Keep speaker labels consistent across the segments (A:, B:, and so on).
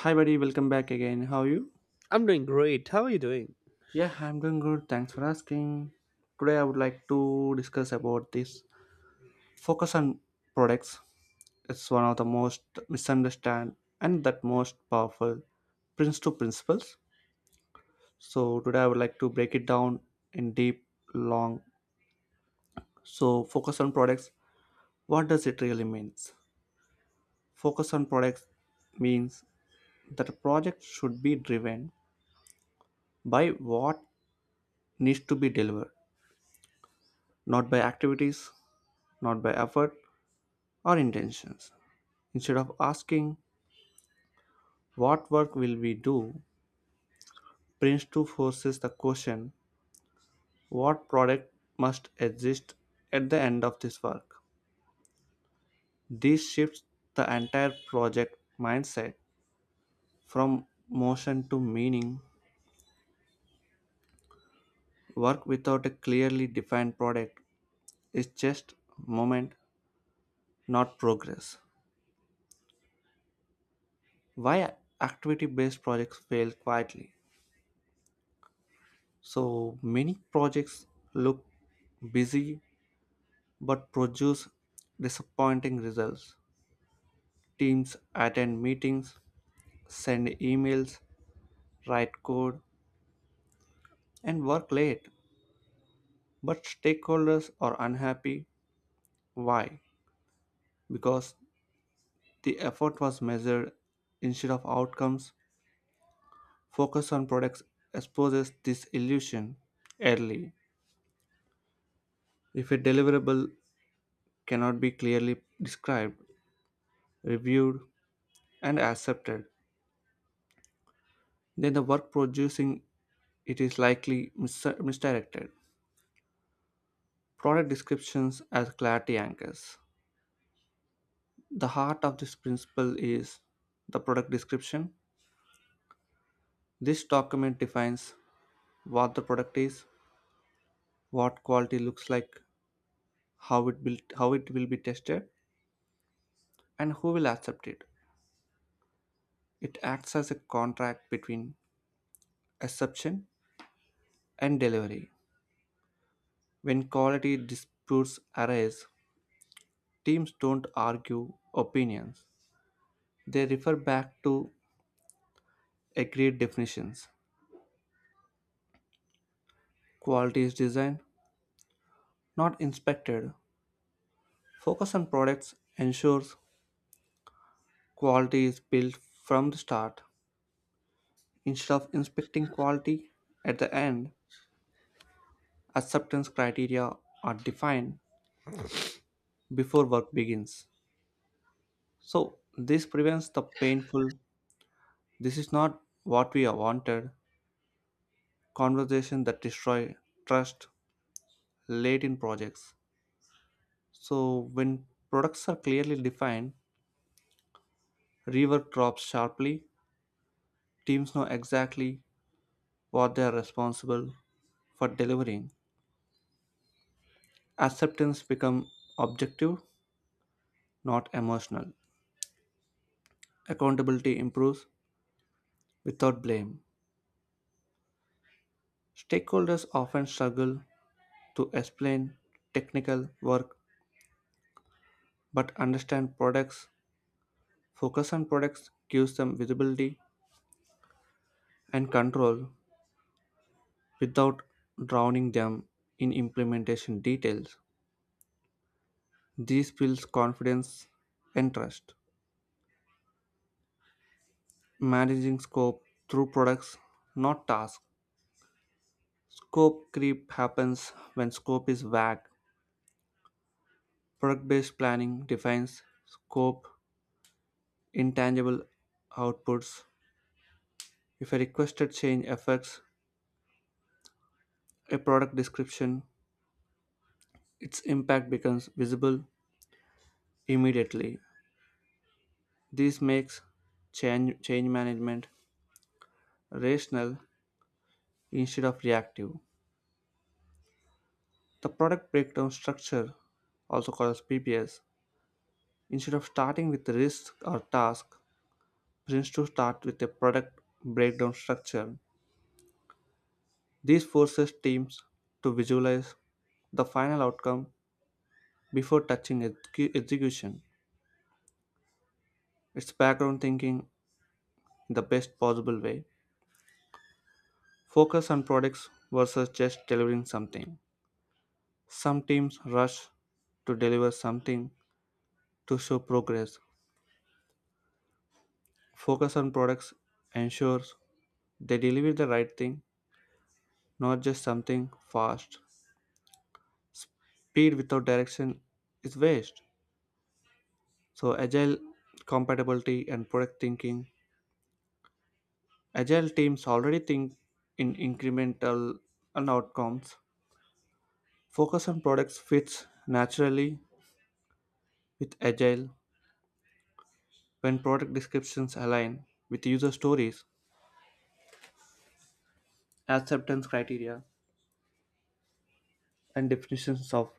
A: Hi, buddy. Welcome back again. How are you?
B: I'm doing great. How are you doing?
A: Yeah, I'm doing good. Thanks for asking. Today, I would like to discuss about this focus on products. It's one of the most misunderstood and that most powerful Prince to principles. So today, I would like to break it down in deep, long. So focus on products. What does it really means? Focus on products means that a project should be driven by what needs to be delivered, not by activities, not by effort or intentions. Instead of asking, "What work will we do?" Prince 2 forces the question, "What product must exist at the end of this work?" This shifts the entire project mindset from motion to meaning. Work without a clearly defined product is just moment, not progress. Why activity based projects fail quietly? So many projects look busy but produce disappointing results. Teams attend meetings, send emails, write code, and work late, but stakeholders are unhappy. Why? Because the effort was measured instead of outcomes. Focus on products exposes this illusion early. If a deliverable cannot be clearly described, reviewed, and accepted, then the work producing it is likely misdirected. Product descriptions as clarity anchors. The heart of this principle is the product description. This document defines what the product is, what quality looks like, how it will be tested, and who will accept it. It acts as a contract between acceptance and delivery. When quality disputes arise, teams don't argue opinions. They refer back to agreed definitions. Quality is designed, not inspected. Focus on products ensures quality is built from the start instead of inspecting quality at the end. Acceptance criteria are defined before work begins. So, this prevents the painful, "this is not what we are wanted," conversation that destroy trust late in projects. So, when products are clearly defined, rework drops sharply, teams know exactly what they are responsible for delivering. Acceptance becomes objective, not emotional. Accountability improves without blame. Stakeholders often struggle to explain technical work but understand products. Focus on products gives them visibility and control without drowning them in implementation details. This builds confidence and trust. Managing scope through products, not tasks. Scope creep happens when scope is vague. Product based planning defines scope, intangible outputs. If a requested change affects a product description, its impact becomes visible immediately. This makes change management rational instead of reactive. The product breakdown structure, also called as PBS, instead of starting with the risk or task, brings to start with a product breakdown structure. This forces teams to visualize the final outcome before touching execution. It's background thinking in the best possible way. Focus on products versus just delivering something. Some teams rush to deliver something to show progress. Focus on products ensures they deliver the right thing, not just something fast. Speed without direction is waste. So, agile compatibility and product thinking. Agile teams already think in incremental and outcomes. Focus on products fits naturally with Agile when product descriptions align with user stories, acceptance criteria, and definitions of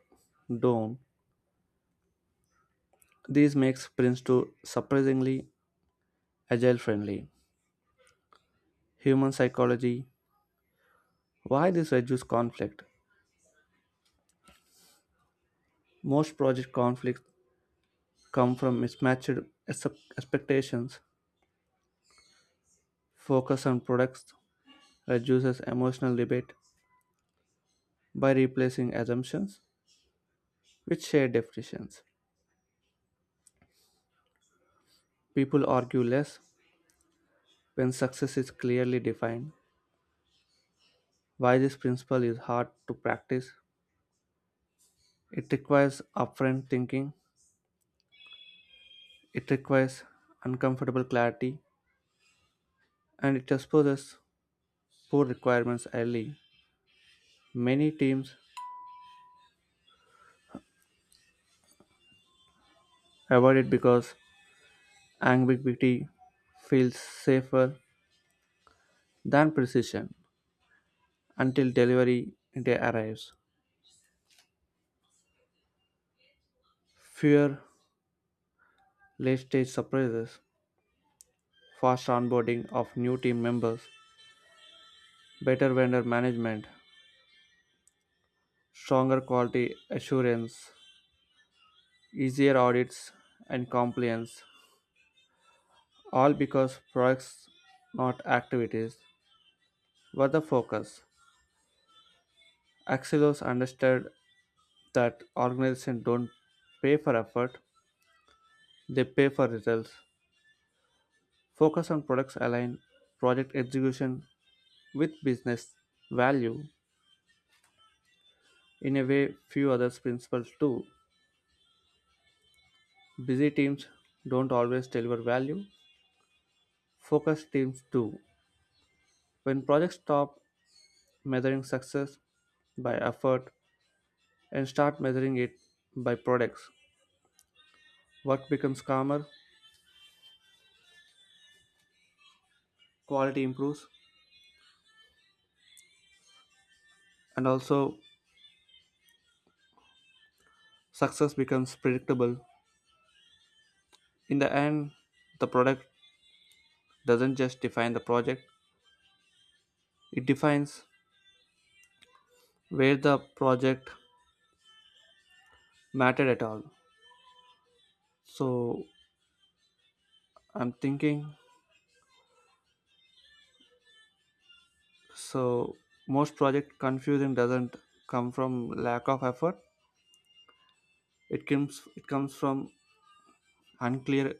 A: done. This makes sprints to surprisingly agile friendly. Human psychology, why this reduces conflict? Most project conflicts come from mismatched ex- expectations. Focus on products reduces emotional debate. By replacing assumptions with shared definitions, people argue less when success is clearly defined. While this principle is hard to practice, it requires upfront thinking, it requires uncomfortable clarity, and it exposes poor requirements early. Many teams avoid it because ambiguity feels safer than precision until delivery day arrives. Fear late stage surprises, fast onboarding of new team members, better vendor management, stronger quality assurance, easier audits and compliance, all because products, not activities, were the focus. Axilos understood that organizations don't pay for effort, they pay for results. Focus on products align project execution with business value in a way few other principles do. Busy teams don't always deliver value, focus teams do. When projects stop measuring success by effort and start measuring it by products, work becomes calmer, quality improves, and also success becomes predictable. In the end, the product doesn't just define the project, it defines where the project mattered at all. So I'm thinking so most project confusion doesn't come from lack of effort. It comes from unclear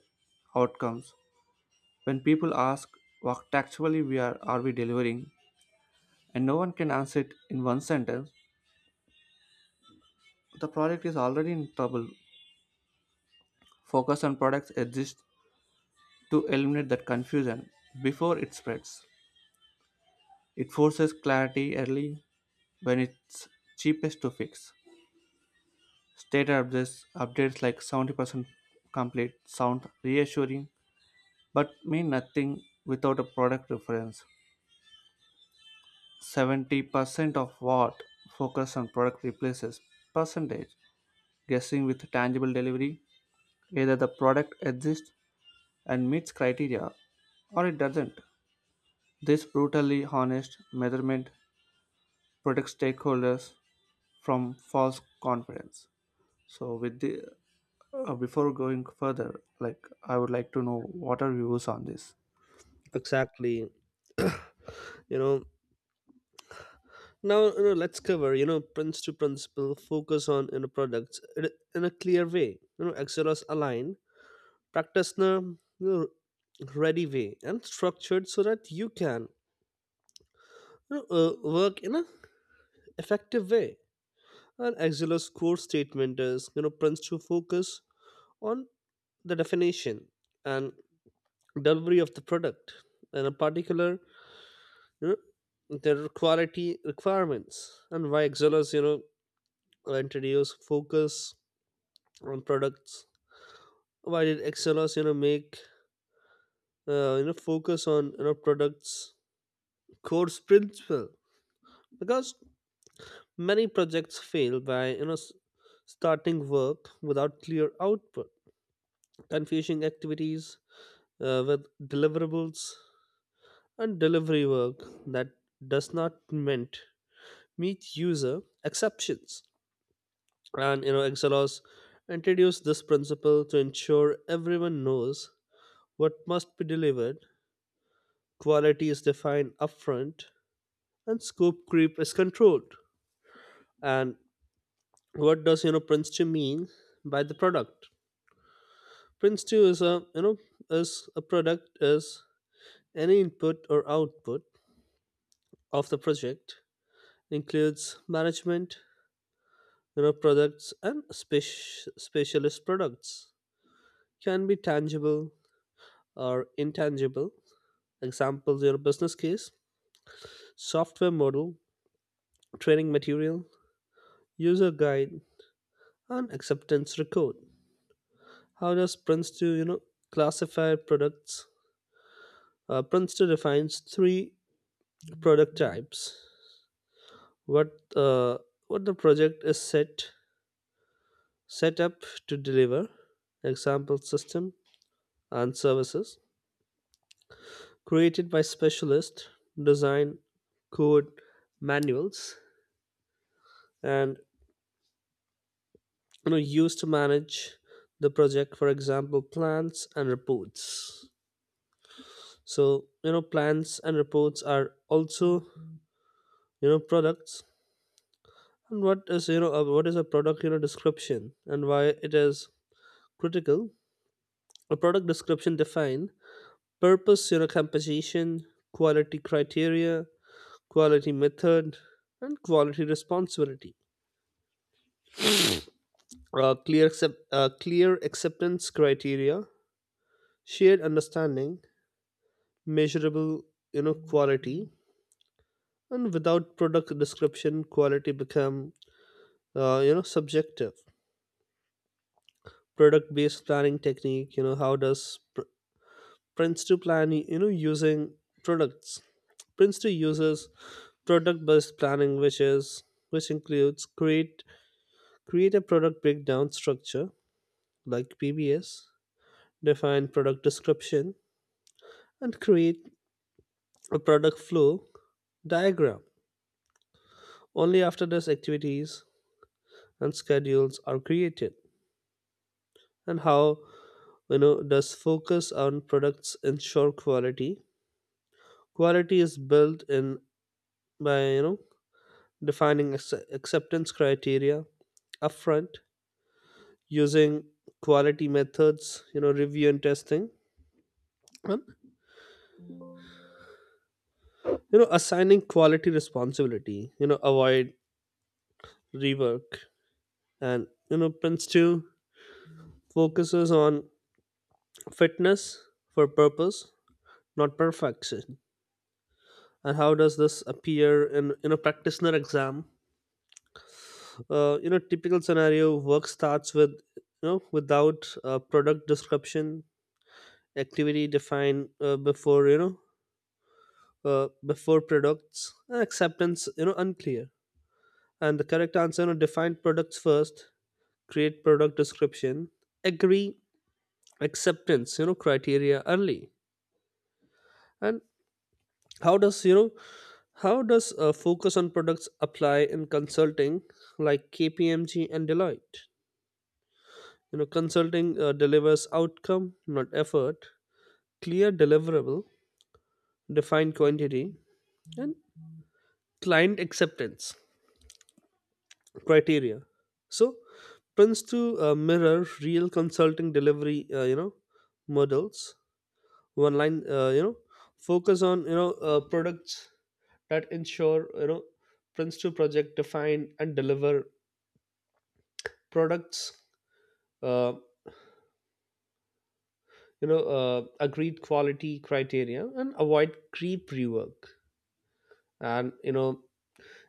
A: outcomes. When people ask, "What actually are we delivering?" and no one can answer it in one sentence, the project is already in trouble. Focus on products exists to eliminate that confusion before it spreads. It forces clarity early when it's cheapest to fix. Updates like 70% complete sound reassuring but mean nothing without a product reference. 70% of what? Focus on product replaces percentage guessing with tangible delivery. Either the product exists and meets criteria, or it doesn't. This brutally honest measurement protects stakeholders from false confidence. So, with the before going further, like, I would like to know what are views on this.
B: Exactly. You know, now let's cover, Prince to Principle, focus on, products in a clear way. Excelos aligned, practice in a know, ready way and structured so that you can work in a effective way. And Excelos core statement is, Prince to focus on the definition and delivery of the product. In a particular, you their quality requirements. And why Excellers introduce focus on products? Why did Excellers make focus on products core principle? Because many projects fail by starting work without clear output, confusing activities with deliverables, and delivery work that does not meant meet user exceptions. And Exelos introduced this principle to ensure everyone knows what must be delivered, quality is defined upfront, and scope creep is controlled. And what does Prince 2 mean by the product? Prince 2 is a is a product, is any input or output of the project, includes management, products and specialist products. Can be tangible or intangible. Examples: your business case, software model, training material, user guide, and acceptance record. How does Prince to classify products? Prince to defines three product types. What uh, what the project is set up to deliver. Example, system and services created by specialist, design, code, manuals, and used to manage the project, for example plans and reports. So plans and reports are also products. And what is what is a product description and why it is critical? A product description define purpose, composition, quality criteria, quality method, and quality responsibility. Clear acceptance criteria, shared understanding, measurable quality. And without product description, quality become subjective. Product based planning technique, how does Prince to plan using products? Prince to uses product based planning, which includes create a product breakdown structure, like PBS, define product description, and create a product flow diagram. Only after this, activities and schedules are created. And how does focus on products ensure quality? Quality is built in by defining acceptance criteria upfront, using quality methods, review and testing, and assigning quality responsibility, avoid rework. And prince 2 focuses on fitness for purpose, not perfection. And how does this appear in a practitioner exam? Typical scenario, work starts with without product description, activity defined before before products, and acceptance unclear. And the correct answer, define products first, create product description, agree acceptance criteria early. And how does you know how does a focus on products apply in consulting like KPMG and Deloitte? Consulting delivers outcome, not effort. Clear deliverable, defined quantity, and client acceptance criteria. So prints to mirror real consulting delivery models. One line, focus on products that ensure prints to project define and deliver products uh, agreed quality criteria and avoid creep rework. And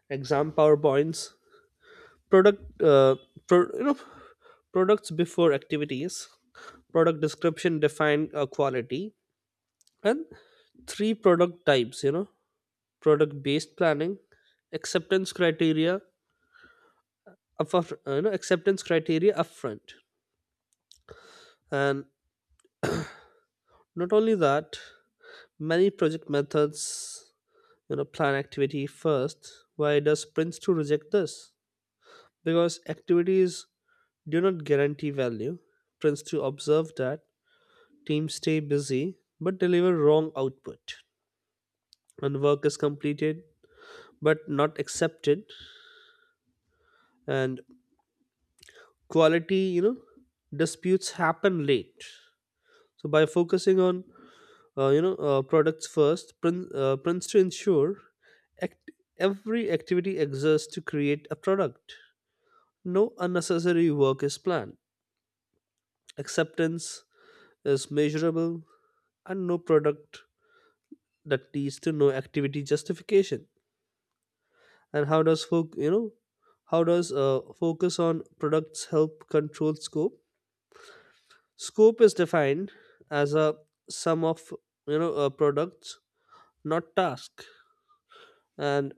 B: exam powerpoints, product uh, pro, you know products before activities, product description defined quality, and three product types, product based planning, acceptance criteria upfront, acceptance criteria upfront. And not only that, many project methods plan activity first. Why does prince2 reject this? Because activities do not guarantee value. Prince2 observed that teams stay busy but deliver wrong output, and work is completed but not accepted, and quality disputes happen late. So by focusing on products first, prince to ensure act- every activity exists to create a product. No unnecessary work is planned. Acceptance is measurable, and no product that leads to no activity justification. And how does focus on products help control scope? Scope is defined as a sum of, products, not task. And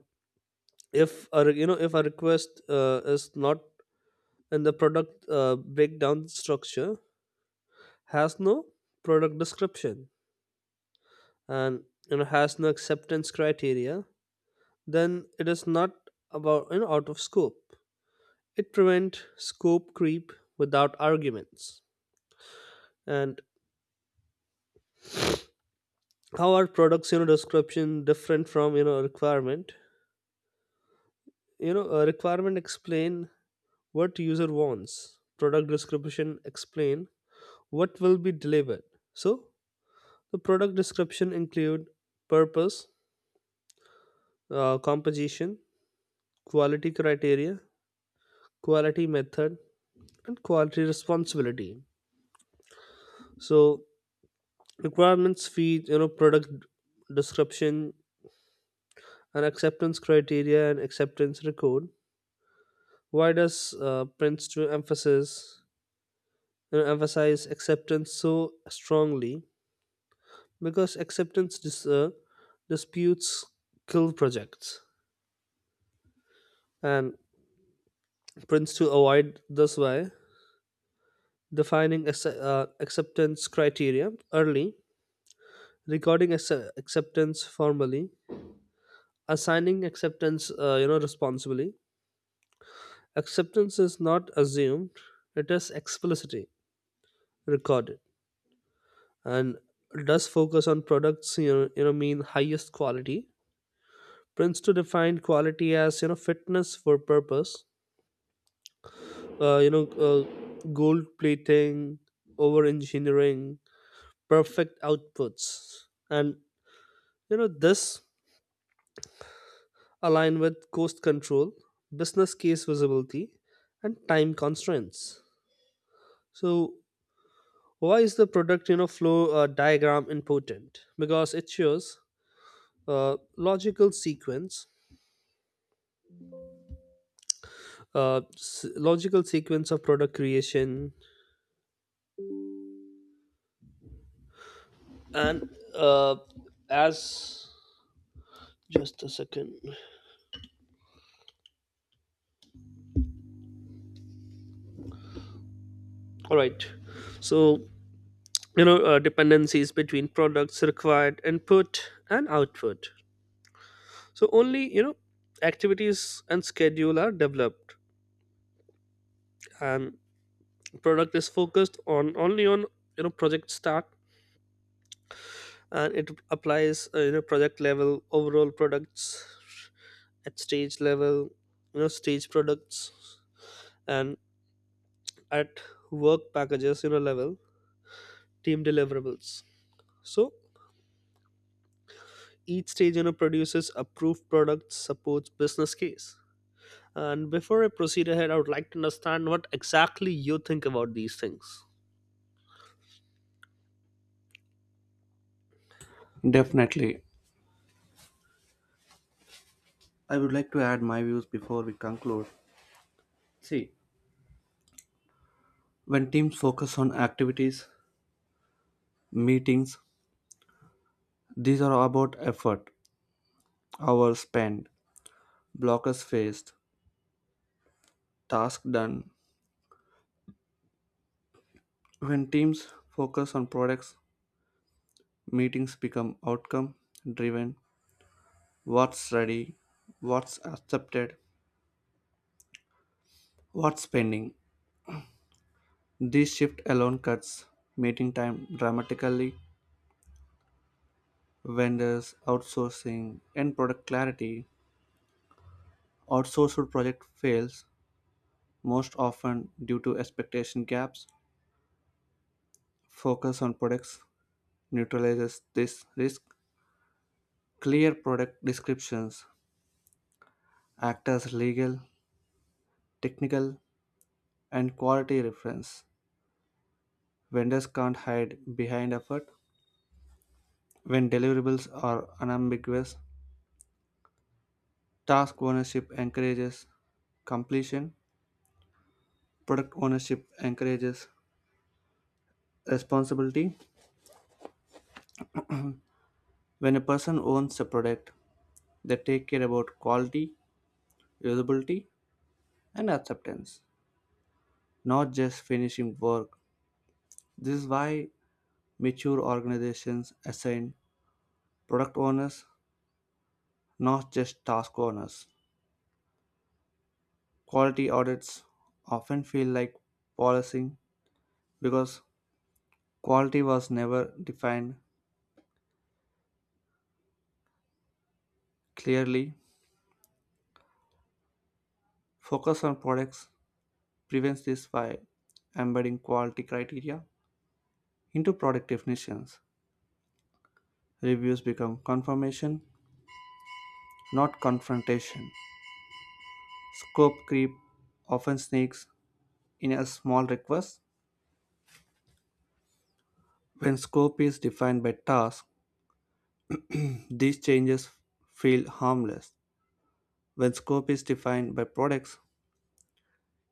B: if a, if a request is not in the product breakdown structure, has no product description, and has no acceptance criteria, then it is not about, out of scope. It prevents scope creep without arguments. And how are products description different from requirement? A requirement explain what user wants, product description explain what will be delivered. So the product description include purpose, composition, quality criteria, quality method, and quality responsibility. So requirements feed product description, and acceptance criteria, and acceptance record. Why does Prince to emphasis, emphasize acceptance so strongly? Because acceptance disputes kill projects. And Prince to avoid this by defining acceptance criteria early, recording acceptance formally, assigning acceptance responsibly. Acceptance is not assumed, it is explicitly recorded. And does focus on products mean highest quality? Prince to define quality as fitness for purpose, uh, you know uh, gold plating, over engineering, perfect outputs. And this align with cost control, business case visibility, and time constraints. So why is the product flow diagram important? Because it shows uh, logical sequence, logical sequence of product creation, and as just a second. All right, so dependencies between products, required input and output. So only activities and schedule are developed, and product is focused on only on project start. And it applies project level overall products, at stage level stage products, and at work packages level team deliverables. So each stage produces approved products, supports business case. And before I proceed ahead, I would like to understand what exactly you think about these things.
A: Definitely. I would like to add my views before we conclude. See, when teams focus on activities, meetings. These are about effort, hours spent, blockers faced, task done. When teams focus on products, meetings become outcome driven. What's ready, what's accepted, what's pending. This shift alone cuts meeting time dramatically. Vendors, outsourcing, and product clarity. Outsourced project fails most often due to expectation gaps. Focus on products neutralizes this risk. Clear product descriptions act as legal, technical, and quality reference. Vendors can't hide behind effort when deliverables are unambiguous. Task ownership encourages completion. Product ownership encourages responsibility. When a person owns a product, they take care about quality, usability, and acceptance, not just finishing work. This is why mature organizations assign product owners, not just task owners. Quality audits often feel like policing because quality was never defined clearly. Focus on products prevents this by embedding quality criteria into product definitions. Reviews become confirmation, not confrontation. Scope creep often sneaks in a small request. When scope is defined by task, these changes feel harmless. When scope is defined by products,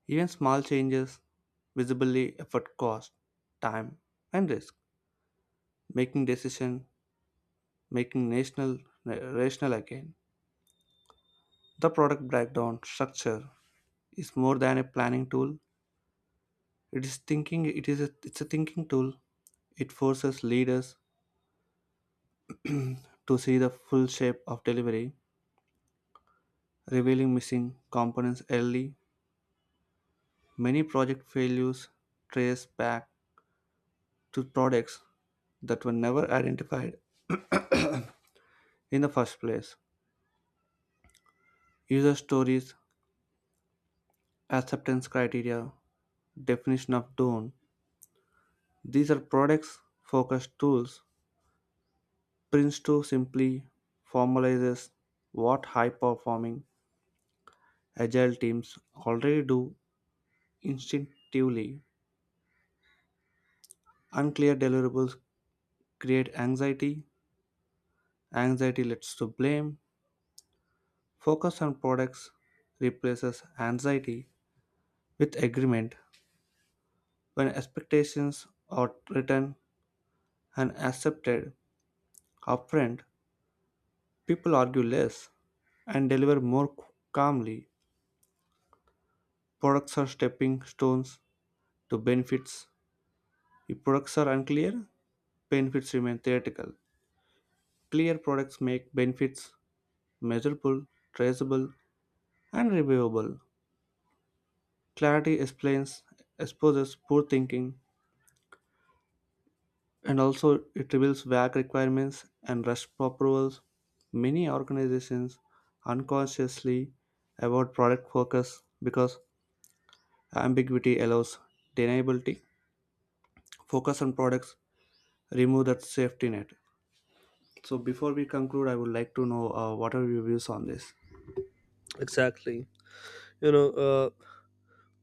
A: even small changes visibly affect cost, time, and risk, making decision making national rational again. The product breakdown structure is more than a planning tool. It's a thinking tool. It forces leaders to see the full shape of delivery, revealing missing components early. Many project failures trace back to products that were never identified in the first place. User stories, acceptance criteria, definition of done. These are products focused tools. Prince2 simply formalizes what high performing agile teams already do instinctively. Unclear deliverables create anxiety. Anxiety leads to blame. Focus on products replaces anxiety with agreement. When expectations are written and accepted upfront, people argue less and deliver more calmly. Products are stepping stones to benefits. If products are unclear, benefits remain theoretical. Clear products make benefits measurable, traceable, and reviewable. Clarity explains, exposes poor thinking, and also it reveals vague requirements and rush approvals. Many organizations unconsciously avoid product focus because ambiguity allows deniability. Focus on products, remove that safety net. So before we conclude, I would like to know, what are your views on this?
B: Exactly. you know uh,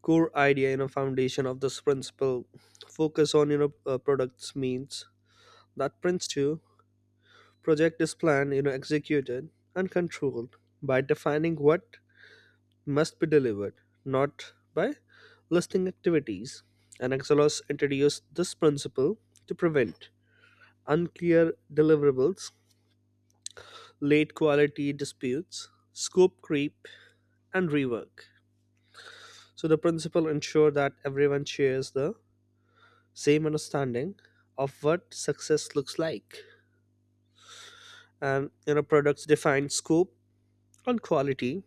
B: core idea, foundation of this principle. Focus on products means that prints to project is planned, executed and controlled by defining what must be delivered, not by listing activities. And Exelos introduced this principle to prevent unclear deliverables, late quality disputes, scope creep, and rework. So the principle ensure that everyone shares the same understanding of what success looks like. And products define scope and quality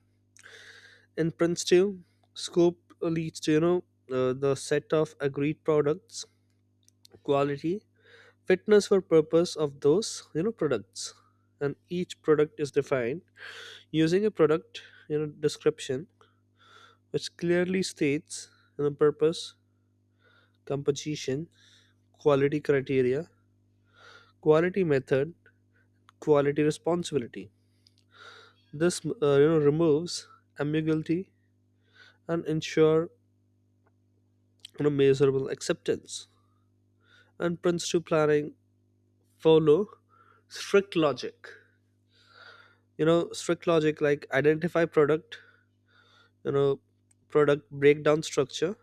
B: in Prince 2. Scope leads to, the set of agreed products, quality, fitness for purpose of those, products. And each product is defined using a product, description which clearly states, purpose, composition, quality criteria, quality method, quality responsibility. This, removes ambiguity and ensure, measurable acceptance. And Prince 2 planning follow strict logic, like identify product, you know product breakdown structure,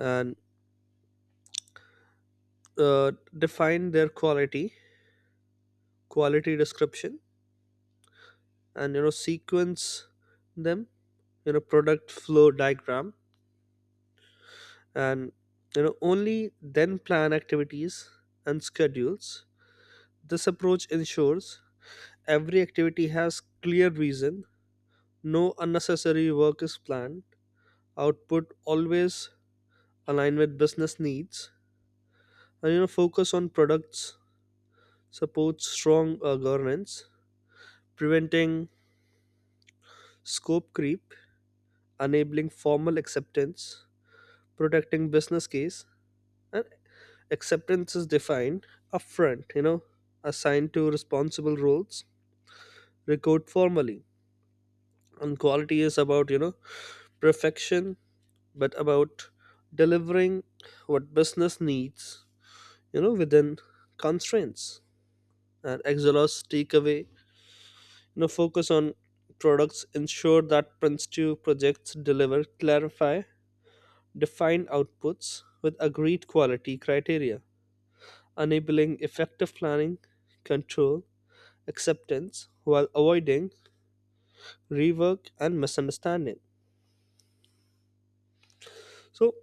B: and uh, define their quality, quality description, and sequence them, product flow diagram. And only then plan activities and schedules. This approach ensures every activity has clear reason, no unnecessary work is planned, output always align with business needs. And focus on products support strong governance, preventing scope creep, enabling formal acceptance, protecting business case. And acceptance is defined upfront, assigned to responsible roles, record formally. And quality is about perfection, but about delivering what business needs, within constraints. And exhaust takeaway, now focus on products ensure that Prince 2 projects deliver, clarify defined outputs with agreed quality criteria, enabling effective planning, control, acceptance, while avoiding rework and misunderstanding. So,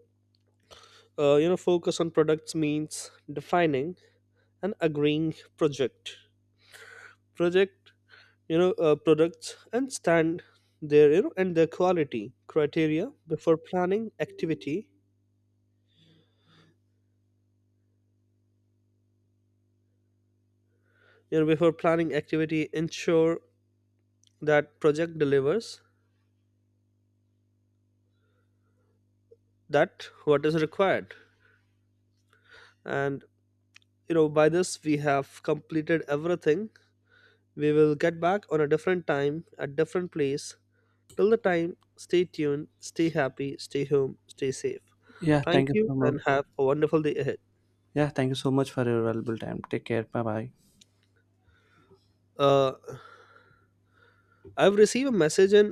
B: focus on products means defining and agreeing project products and stand their and their quality criteria before planning activity, ensure that project delivers that what is required. And by this we have completed everything. We will get back on a different time, a different place. Till the time, stay tuned, stay happy, stay home, stay safe.
A: Yeah,
B: Thank
A: thank you
B: you
A: so much.
B: and have a wonderful day ahead.
A: Yeah, thank you so much for your valuable time. Take care. Bye bye.
B: uh, I've received a message in